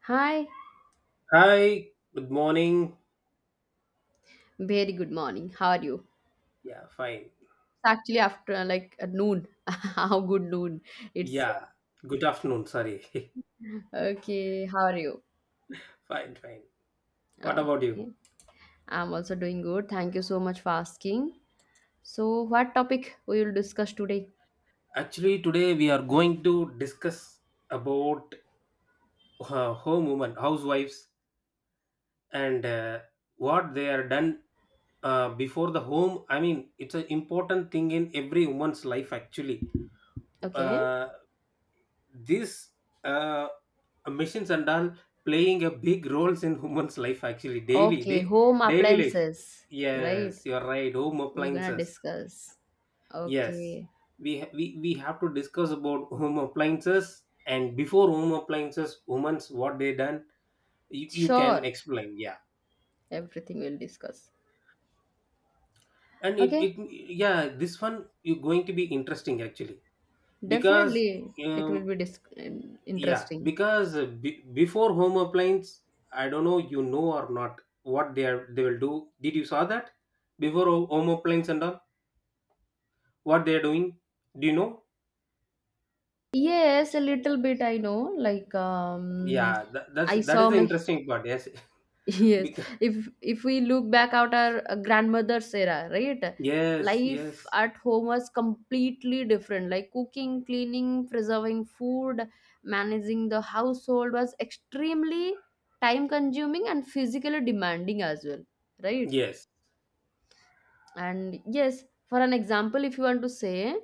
Hi, Hi, good morning. very good morning. How are you? It's Yeah, fine. actually after like noon. How good noon? It's Yeah, good afternoon. Sorry. okay. How are you? Fine, fine. What about you? Okay, I'm also doing good. Thank you so much for asking. So, what topic we will discuss today? Actually, today we are going to discuss about home women, housewives, and what they are done before the home. I mean, it's an important thing in every woman's life, actually. Okay, Uh, these uh, machines and all playing a big roles in humans life actually daily okay, day, home daily life. appliances, right? Yes, you're right, home We're gonna appliances. discuss. Yes, Okay, we, ha- we have to discuss about home appliances, and before home appliances humans what they done. You can sure. explain. Yeah. Everything we'll discuss. And it, Okay, yeah, this one you're going to be interesting actually because definitely it will um, be yeah, interesting. because be before home appliance, I don't know you know or not what they will do. Did you saw that before home appliance and all, what they are doing? Do you know? Yes, a little bit I know. Like Yeah, that, that's I that is saw the my interesting part. Yes, yes. because If we look back at our grandmother's era, right? yes, Life yes, at home was completely different. Like cooking, cleaning, preserving food, managing the household was extremely time consuming and physically demanding as well, right? yes, And yes, for an example, if you want to say,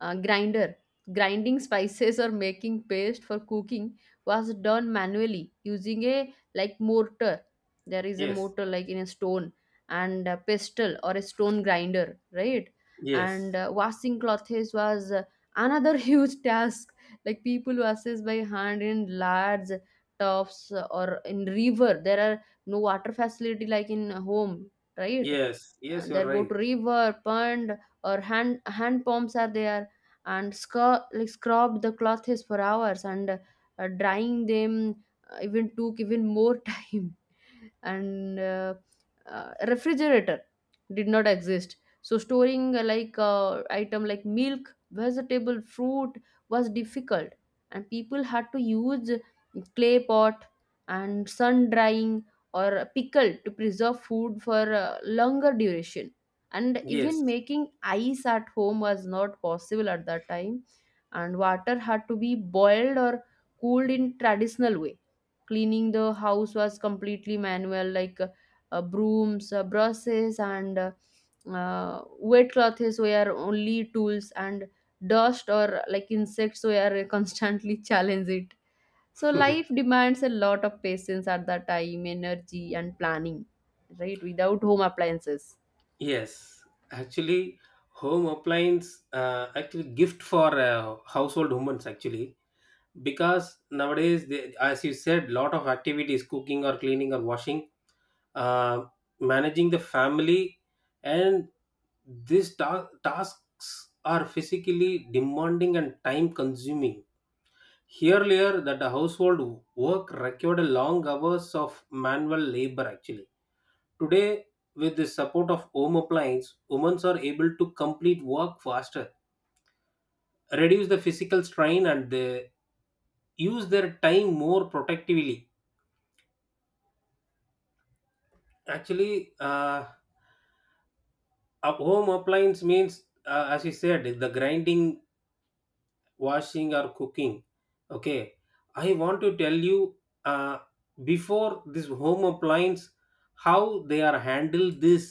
grinder grinding spices or making paste for cooking was done manually using a like mortar. There is a yes, mortar like in a stone and a pestle or a stone grinder, right? And yes, washing clothes was another huge task. Like people washes by hand in large tubs or in river, there are no water facility like in home, right? yes, yes. And You're they go right. to river pond or hand pumps are there. And scrub the clothes for hours and drying them even took even more time. And refrigerator did not exist, so storing like item like milk, vegetable, fruit was difficult. And people had to use clay pot and sun drying or pickled to preserve food for longer duration. And Yes, even making ice at home was not possible at that time. And water had to be boiled or cooled in traditional way. Cleaning the house was completely manual, like brooms, brushes and wet clothes were only tools. And dust or like insects were constantly challenge it. So life demands a lot of patience at that time, energy and planning, right? Without home appliances. yes. Actually, home appliance actually gift for household humans actually, because nowadays they, as you said, lot of activities cooking or cleaning or washing, uh, managing the family, and these tasks are physically demanding and time consuming. Earlier, that the household work required long hours of manual labor actually today, with the support of home appliance women are able to complete work faster, reduce the physical strain, and they use their time more protectively actually. A home appliance means, as you said, the grinding, washing or cooking. Okay, I want to tell you, uh, before this home appliance, how they are handled this.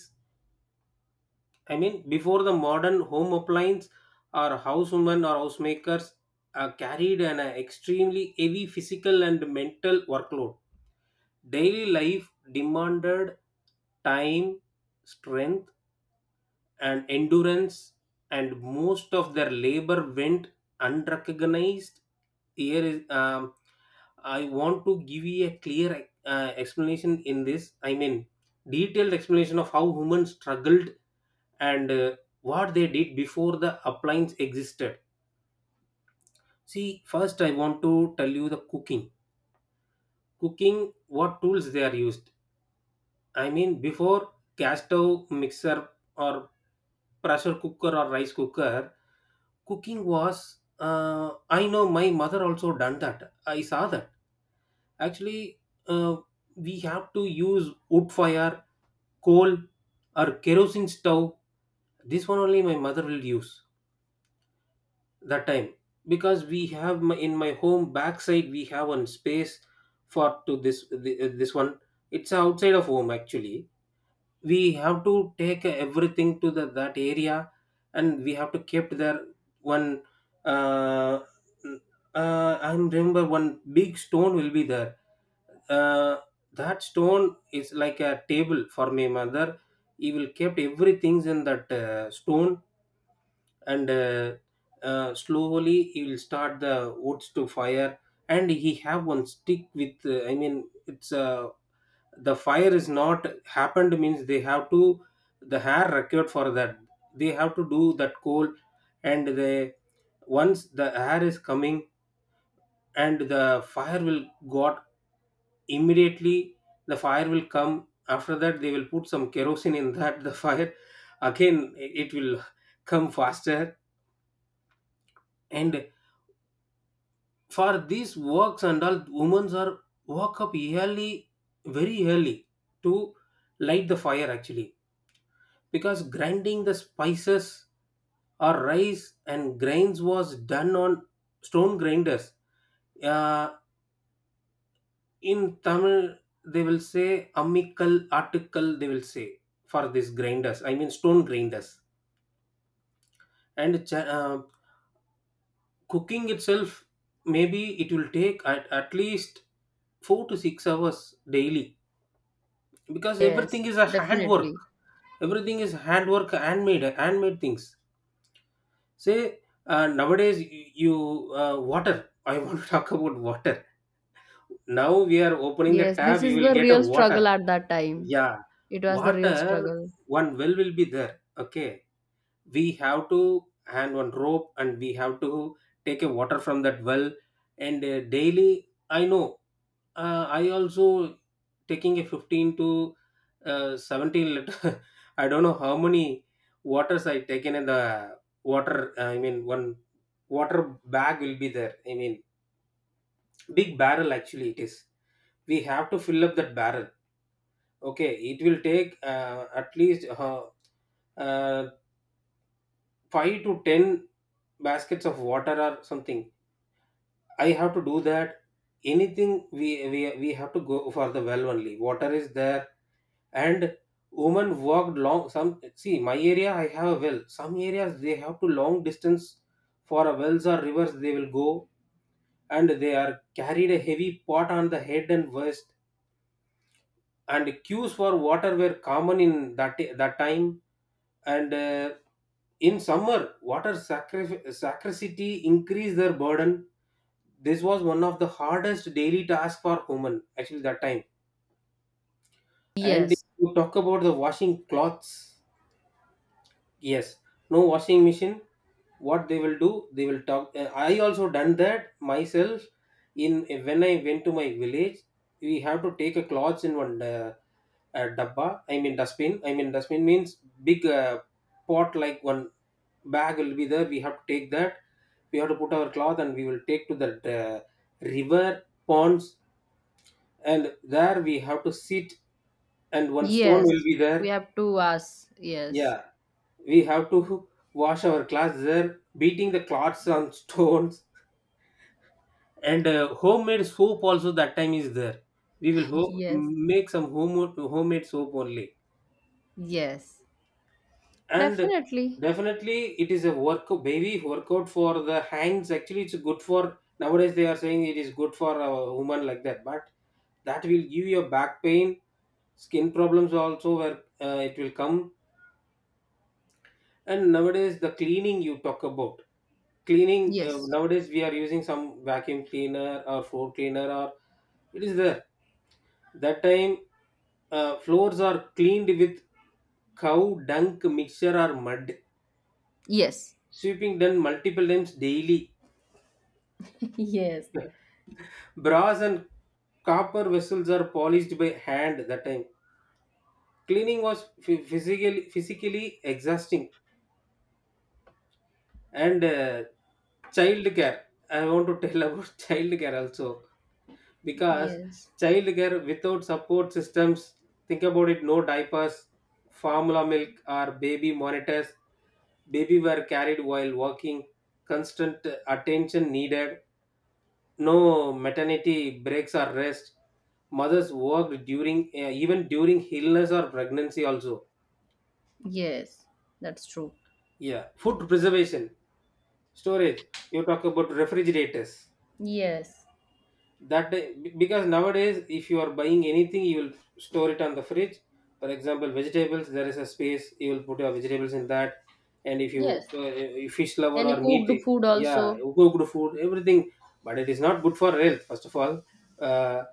I mean, before the modern home appliance, our housewomen or housemakers carried an extremely heavy physical and mental workload. Daily life demanded time, strength, and endurance, and most of their labor went unrecognized. Here is, I want to give you a clear explanation in this. I mean, detailed explanation of how humans struggled and what they did before the appliance existed. See, first I want to tell you the cooking. Cooking, what tools they are used. I mean, before gas stove mixer, or pressure cooker or rice cooker, cooking was. I know my mother also done that. I saw that actually. Uh, we have to use wood fire, coal, or kerosene stove. This one only my mother will use that time, because we have in my home backside we have one space for to this this one. It's outside of home actually, we have to take everything to that area, and we have to keep there one, uh, I remember one big stone will be there. Uh, that stone is like a table for my mother. He will kept everything in that stone. And slowly he will start the woods to fire. And he have one stick with I mean, it's a, the fire is not happened means they have to, the hair required for that, they have to do that coal. And they, once the air is coming and the fire will got, immediately the fire will come. After that they will put some kerosene in that the fire, again it will come faster. And for these works and all, women are walk up early, very early to light the fire actually, because grinding the spices or rice and grains was done on stone grinders. Uh, in Tamil, they will say amikal, article, they will say for these grinders, I mean stone grinders. And cooking itself, maybe it will take at least 4 to 6 hours daily, because Yes, everything is a handwork. definitely. Everything is handwork, handmade things. Say, nowadays you water. I want to talk about water. Now we are opening the Yes, tab. this You is will the get a real struggle water. at that time. Yeah, It was the real water. struggle. One well will be there. Okay, we have to hang one rope and we have to take a water from that well. And daily, I know. I also taking a 15 to 17 liter. I don't know how many waters I taken in the water. I mean, one water bag will be there, I mean big barrel actually it is. We have to fill up that barrel. Okay, it will take at least uh, 5 to 10 baskets of water or something I have to do that, anything. We have to go for the well only, water is there. And women walked long, some see my area, I have a well, some areas they have to long distance for a wells or rivers they will go. And they are carried a heavy pot on the head and waist, and queues for water were common in that time. And in summer water scarcity increased their burden. This was one of the hardest daily tasks for women actually that time. And if Yes. you talk about the washing cloths. Yes, no washing machine. What they will do, they will talk. I also done that myself. In when I went to my village, we have to take a cloth in one, dabba. I mean dustbin. I mean, dustbin means big pot like one bag will be there. We have to take that. We have to put our cloth and we will take to the river ponds. And there we have to sit, and one stone will Yes. be We there. have two us. Yes. Yeah, we have to wash our clothes there, beating the cloths on stones, and homemade soap also that time is there. We will Yes. make some homemade soap only. Yes. And Definitely. definitely it is a workout for the hands. Actually, it's good for, nowadays they are saying it is good for a woman like that, but that will give you a back pain, skin problems also where it will come. And nowadays the cleaning you talk about, cleaning Yes. nowadays we are using some vacuum cleaner or floor cleaner or it is there. That time, floors are cleaned with cow dung mixture or mud, Yes. sweeping done multiple times daily, Yes. brass and copper vessels are polished by hand that time. Cleaning was physically exhausting. And child care, I want to tell about child care also, because Yes. childcare without support systems, think about it, no diapers, formula milk or baby monitors, baby were carried while walking, constant attention needed, no maternity breaks or rest, mothers worked during even during illness or pregnancy also. Yes. That's true. Yeah, food preservation storage, you talk about refrigerators Yes. that day, because nowadays if you are buying anything you will store it on the fridge. For example, vegetables, there is a space, you will put your vegetables in that. And if you, Yes. If fish lover or Any meat, cooked food yeah, also? cooked food, everything. But it is not good for health first of all. Uh,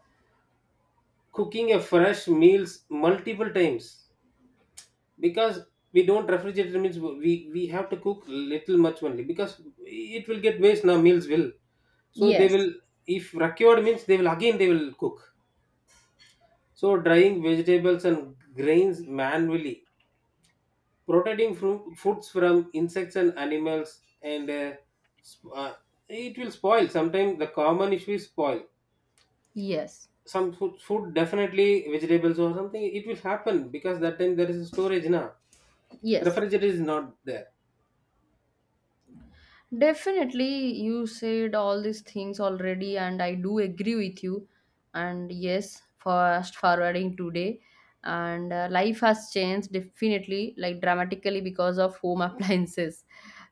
cooking a fresh meals multiple times, because we don't refrigerate means we have to cook little much only, because it will get waste now, meals will, so they will, Yes. if procured means they will, again they will cook. So drying vegetables and grains manually, protecting from foods from insects and animals, and sp- uh, it will spoil. Sometimes the common issue is spoil. Yes. Some food definitely vegetables or something, it will happen, because that time there is a storage now. Yes, Refrigerator is not there. definitely. You said all these things already, and I do agree with you. And yes, fast forwarding today, and life has changed definitely, like dramatically, because of home appliances.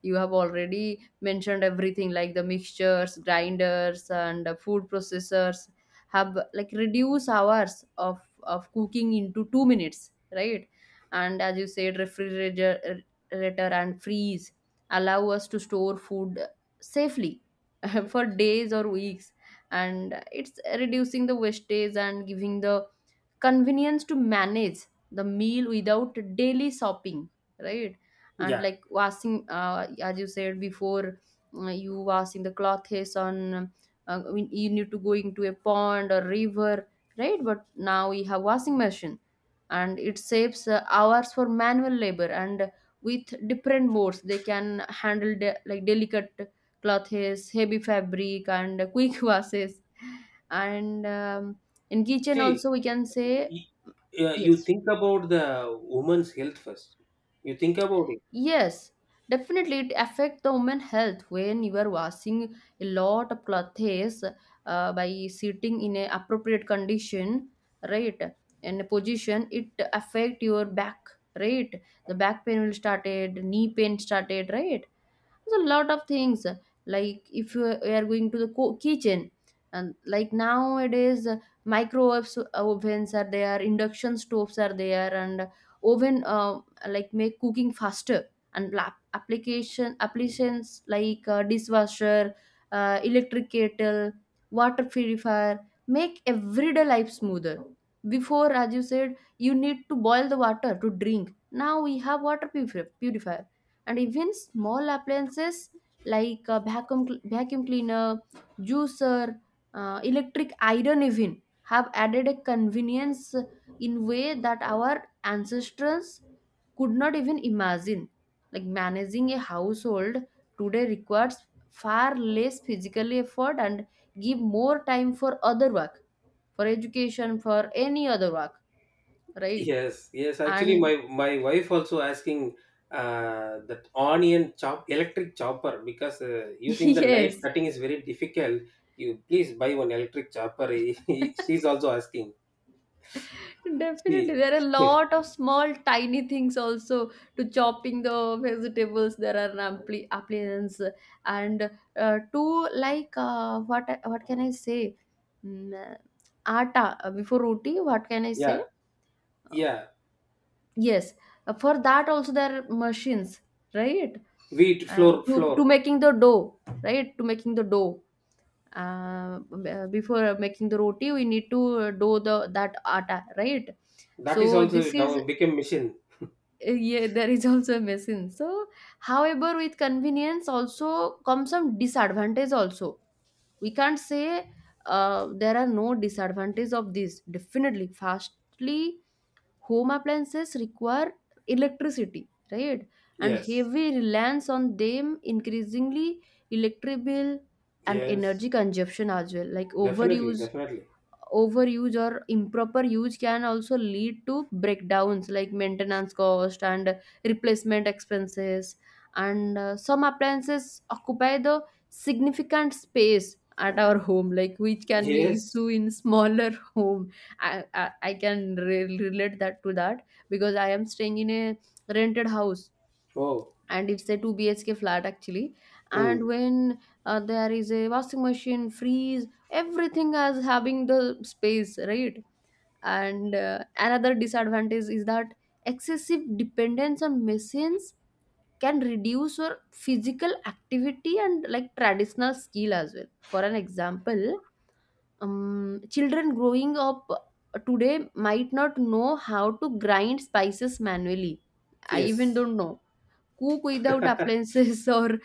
You have already mentioned everything like the mixtures, grinders, and food processors have like reduce hours of cooking into 2 minutes, right? And as you said, refrigerator and freeze allow us to store food safely for days or weeks. And it's reducing the wastage and giving the convenience to manage the meal without daily shopping, right? And Yeah. like washing, as you said before, you washing the clothes on, when you need to go into a pond or river, right? But now we have washing machine, and it saves hours for manual labor. And with different modes they can handle the like delicate clothes, heavy fabric and quick washes. And in kitchen See, also we can say. y- you Yes. think about the woman's health first. You think about it. Yes, definitely it affect the woman health when you are washing a lot of clothes, by sitting in a appropriate condition, right? And position, it affect your back, right? The back pain will started, knee pain started, right? There's a lot of things, like if you are going to the kitchen. And like nowadays, microwaves, ovens are there, induction stoves are there, and oven, like make cooking faster. And applications like dishwasher, electric kettle, water purifier make everyday life smoother. Before, as you said, you need to boil the water to drink. Now we have water purifier. And even small appliances like a vacuum cleaner, juicer, electric iron even have added a convenience in way that our ancestors could not even imagine. Like managing a household today requires far less physical effort and give more time for other work, for education, for any other work, right? Yes, yes. Actually, And my wife also asking that onion chop, electric chopper, because using the knife yes. cutting is very difficult. You please buy one electric chopper. She's also asking. Definitely, See, there are a lot of small, tiny things also to chopping the vegetables. There are appliance and to like what can I say? Mm, uh, atta before roti. What can I yeah, say? Uh, yeah. yes, for that also there are machines, right? Wheat Uh, flour to to flour. making the dough, right? To making the dough. Before making the roti, we need to dough the that atta, right? That is So also this is now became machine. Yeah. There is also a machine. So however with convenience also comes some disadvantage also, we can't say there are no disadvantages of this. Definitely, firstly, home appliances require electricity, right? And Yes, heavy reliance on them increasingly electric bill and yes. energy consumption as well. Like Definitely, overuse definitely. overuse or improper use can also lead to breakdowns like maintenance cost and replacement expenses. And some appliances occupy the significant space at our home, like which can be an Yes. issue in smaller home. I can relate that to that because I am staying in a rented house, Oh, and it's a 2 bhk flat actually. mm. And when there is a washing machine, freeze, everything as having the space, right? And another disadvantage is that excessive dependence on machines can reduce your physical activity and like traditional skill as well. For an example, children growing up today might not know how to grind spices manually. I even Yes. don't know cook without appliances, or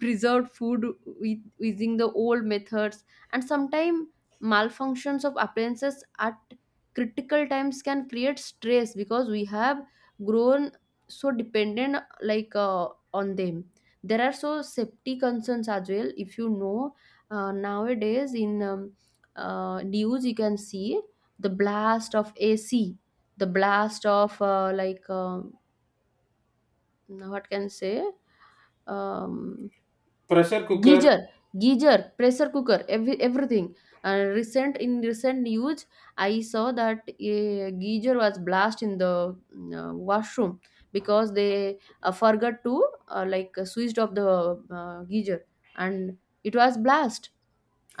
preserved food with, using the old methods. And sometimes malfunctions of appliances at critical times can create stress because we have grown so dependent, like on them. There are so safety concerns as well, if you know. Nowadays in news you can see the blast of ac, the blast of like what can I say, um, Pressure cooker. geyser geyser, pressure cooker, everything. And recent in recent news, I saw that a geyser was blast in the washroom because they forgot to like switched off the geyser. And it was blast.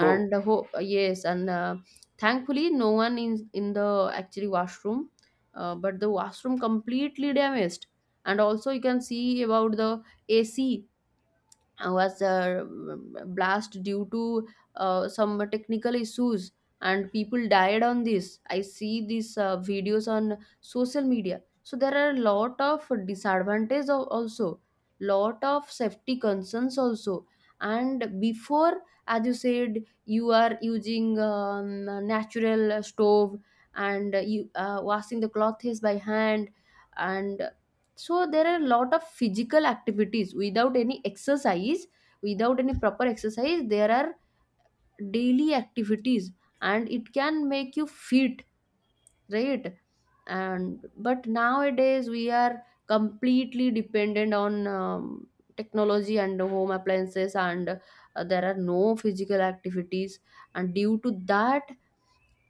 Oh, the yes. And thankfully no one in the actually washroom. But the washroom completely damaged. And also you can see about the ac was a blast due to some technical issues. And people died on this. I see these videos on social media. So there are a lot of disadvantages also, lot of safety concerns also. And before, as you said, you are using natural stove, and you washing the clothes by hand. And so there are a lot of physical activities without any exercise, without any proper exercise, there are daily activities, and it can make you fit, right? And but nowadays we are completely dependent on technology and home appliances, and there are no physical activities. And due to that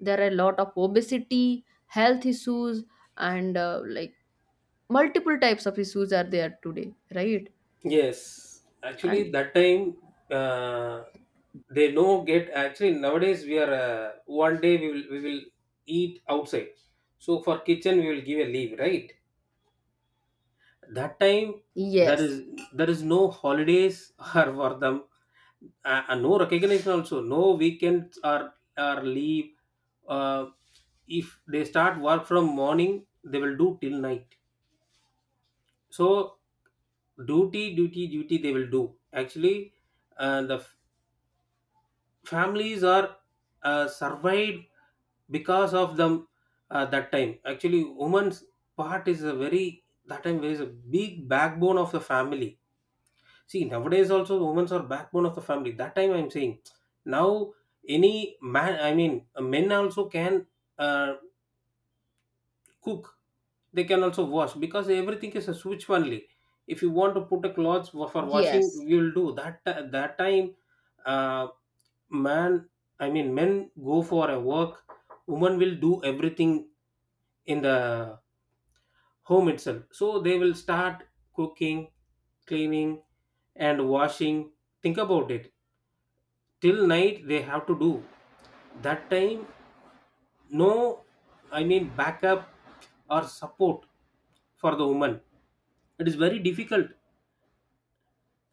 there are a lot of obesity health issues, and like multiple types of issues are there today, right? yes, actually, And that time uh, they no get. Actually, nowadays we are, one day we will eat outside. So for kitchen we will give a leave, right? That time, there is yes, there is no holidays or for them, no recognition also, no weekends or leave. Uh, if they start work from morning, they will do till night. So duty, duty, duty they will do. Actually, the families are survived because of them, that time actually woman's part is a very that time is a big backbone of the family. See, nowadays also women's are backbone of the family. That time I'm saying now, any man, I mean men also can uh, cook. They can also wash because everything is a switch only. If you want to put a clothes for washing, yes, we will do that time. Uh, man, I mean men go for a work. Women will do everything in the home itself, so they will start cooking, cleaning and washing. Think about it, till night they have to do that time. No, I mean backup or support for the woman, it is very difficult.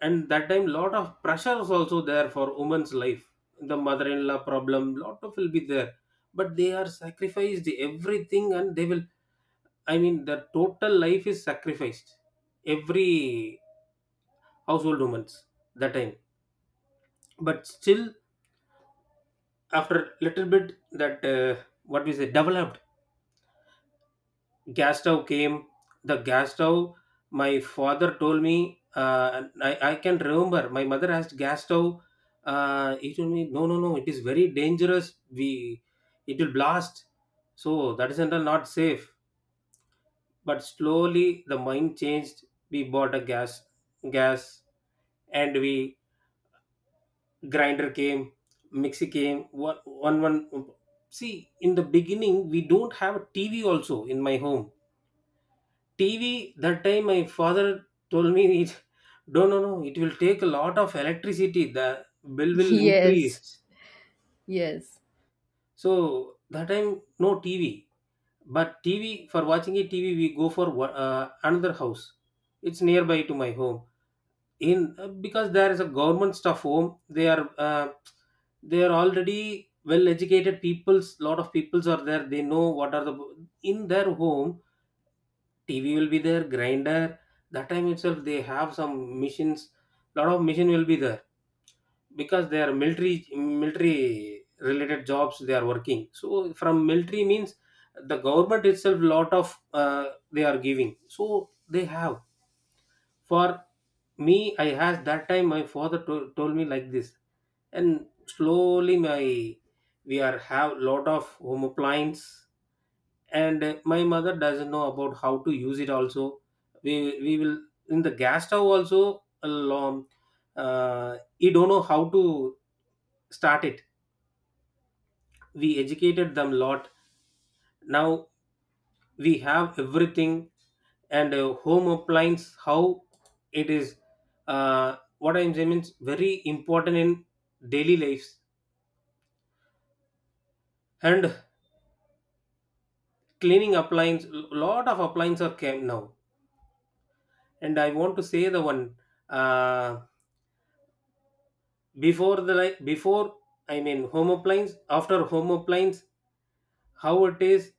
And that time lot of pressure is also there for women's life. The mother-in-law problem lot of will be there, but they are sacrificed everything and they will, I mean their total life is sacrificed, every household women's that time. But still, after little bit that, what we say developed, gas stove came. The gas stove, my father told me, and I can remember my mother asked gas stove. He told me no, no, no, it is very dangerous, we, it will blast. So that is until not safe. But slowly the mind changed. We bought a gas, and we, grinder came, mixie came, one one one. See, in the beginning we don't have a TV also in my home. TV that time, my father told me it, no, no, no, it will take a lot of electricity, the bill will yes, increase. yes, So that time no TV. But TV, for watching a TV we go for another house. It's nearby to my home, in, because there is a government staff home. they are uh, they are already well educated peoples, lot of peoples are there, they know what are the in their home. TV will be there, grinder. That time itself, they have some machines. Lot of machine will be there because they are military related jobs they are working. So from military means the government itself lot of, they are giving. So they have for me, I has that time my father told me like this, and slowly my, we are have lot of home appliance, and my mother doesn't know about how to use it. Also, we we will in the gas stove also. Along, uh, he don't know how to start it. We educated them lot. Now we have everything, and home appliance, how it is, what I'm saying means very important in daily lives. And cleaning appliance, lot of appliances are came now. And I want to say the one, uh, before the before, I mean home appliance, after home appliance, how it is.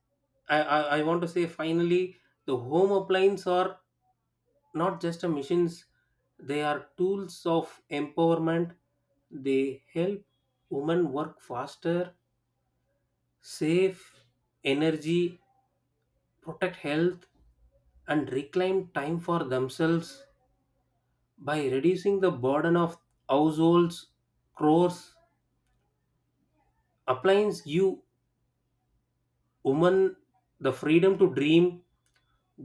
I want to say, finally, the home appliance are not just a machines, they are tools of empowerment. They help women work faster, save energy, protect health, and reclaim time for themselves. By reducing the burden of households chores, appliance give women the freedom to dream,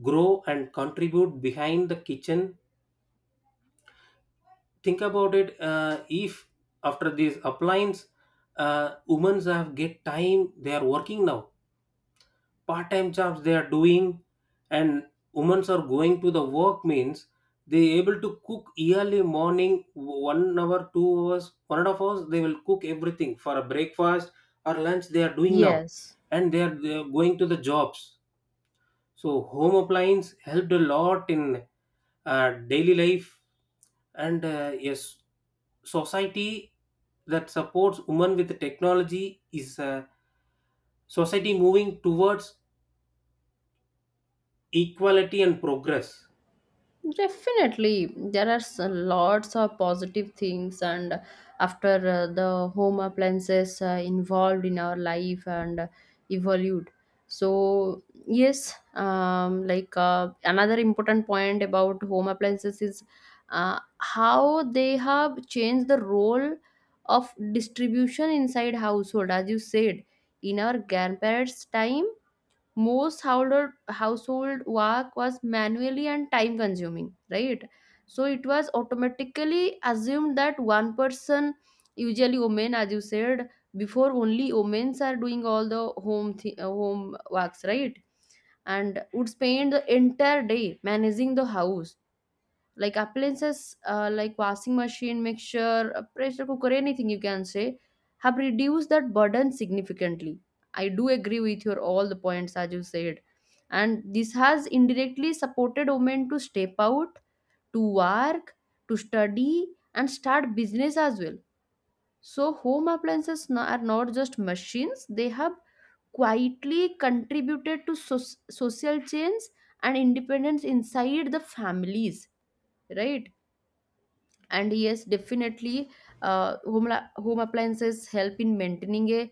grow and contribute behind the kitchen. Think about it, if after these appliance, women have get time, they are working now, part-time jobs they are doing. And women are going to the work means they able to cook early morning, 1 hour, 2 hours, 1.5 hours, they will cook everything for a breakfast or lunch they are doing now. yes. And they are going to the jobs. So home appliance helped a lot in, daily life. And yes, society that supports women with technology is a society moving towards equality and progress. Definitely, there are lots of positive things, and after the home appliances involved in our life and evolved. So, yes, like another important point about home appliances is how they have changed the role of distribution inside household. As you said, in our grandparents' time, most household work was manually and time consuming, right? So it was automatically assumed that one person, usually women, as you said before, only women are doing all the home works, right? And would spend the entire day managing the house. Like appliances, like washing machine, mixture, pressure cooker, anything you can say, have reduced that burden significantly. I do agree with your all the points as you said. And this has indirectly supported women to step out, to work, to study, and start business as well. So home appliances are not just machines, they have quietly contributed to social change and independence inside the families, right? And yes, definitely. Home appliances help in maintaining a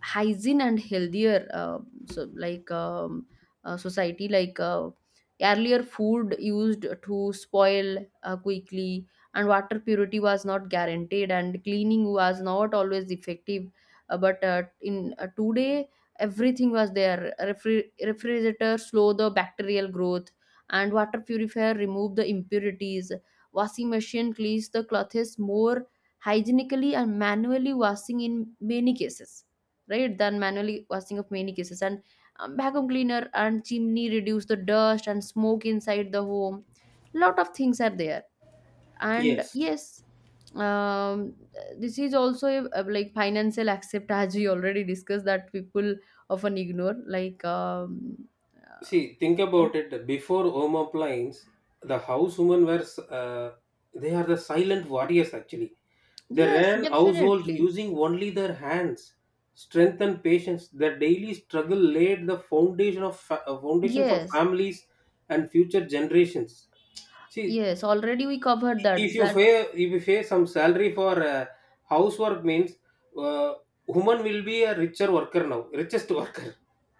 hygiene and healthier, so like society. Like earlier food used to spoil quickly. And water purity was not guaranteed and cleaning was not always effective. But in today everything was there. Refrigerator slow the bacterial growth, and water purifier remove the impurities. Washing machine cleans the clothes more hygienically and manually washing in many cases, right? Than manually washing of many cases. And vacuum cleaner and chimney reduce the dust and smoke inside the home. Lot of things are there. And Yes. yes, um, this is also a, like financial aspect as we already discussed that people often ignore, like uh, See, think about oh, it. Before homoplanes, the housewomen were they are the silent warriors. Actually, they yes, ran households definitely. using only their hands, strength and patience. Their daily struggle laid the foundation of foundation for Yes. families and future generations. See, Yes, already we covered if that you that pay if you pay some salary for, housework means, uh, woman will be a richer worker now, richest worker.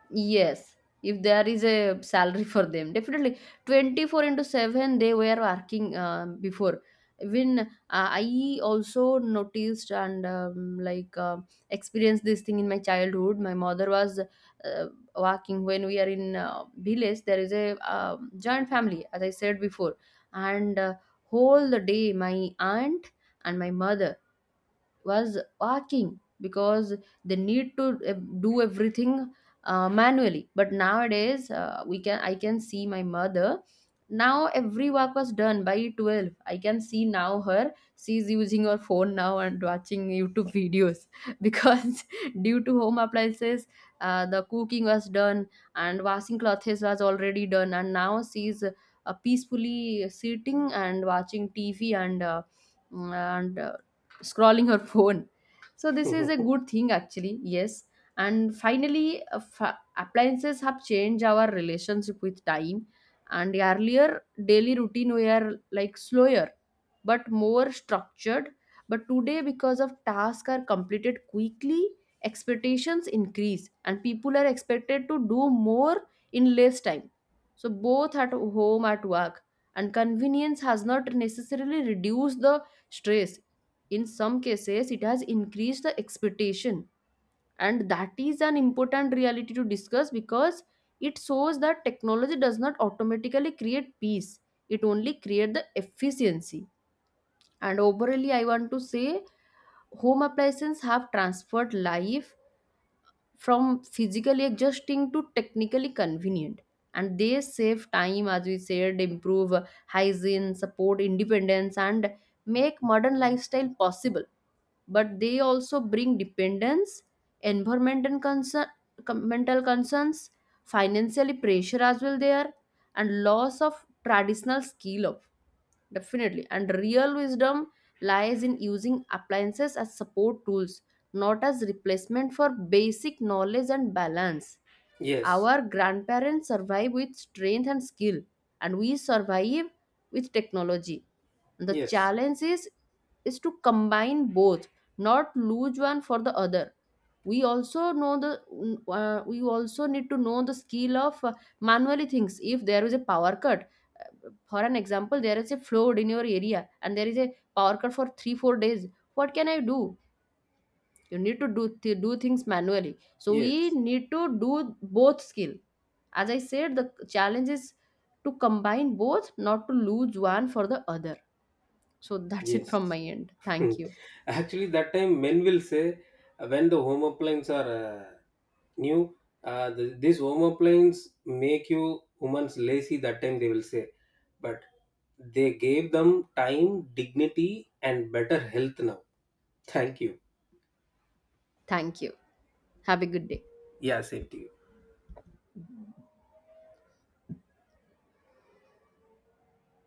Yes, if there is a salary for them, definitely 24 into 7 they were working before. Even I also noticed and like experienced this thing in my childhood. My mother was working when we are in village. There is a joint family, as I said before, and whole the day my aunt and my mother was walking because they need to do everything manually. But nowadays we can I can see my mother now every work was done by 12. I can see now her she's using her phone now and watching YouTube videos because due to home appliances the cooking was done and washing clothes was already done. And now she's peacefully sitting and watching TV and and scrolling her phone. So this is a good thing actually. Yes. And finally, appliances have changed our relationship with time. And earlier daily routine were like slower but more structured. But today because of tasks are completed quickly, expectations increase and people are expected to do more in less time, so both at home at work. And convenience has not necessarily reduced the stress, in some cases it has increased the expectation. And that is an important reality to discuss because it shows that technology does not automatically create peace, it only creates the efficiency. And overall, I want to say home appliances have transferred life from physically adjusting to technically convenient. And they save time, as we said, improve hygiene, support independence, and make modern lifestyle possible. But they also bring dependence, environment and concern, mental concerns, financially pressure as well there, and loss of traditional skill of definitely. And real wisdom lies in using appliances as support tools, not as replacement for basic knowledge and balance. Yes, Our grandparents survive with strength and skill, and we survive with technology. The yes, challenge is to combine both, not lose one for the other. We also need to know the skill of manually things. If there is a power cut, for an example, there is a flood in your area, and there is a power cut for 3-4 days. What can I do? You need to do do things manually. So we yes, need to do both skill, as I said, the challenge is to combine both, not to lose one for the other. So that's it yes. from my end. Hmm. Thank you. Actually, that time men will say, when the home appliances are, new, these home appliances make you women's lazy. That time they will say, but they gave them time, dignity, and better health now. Thank you. Thank you. Have a good day. Yeah, same to you.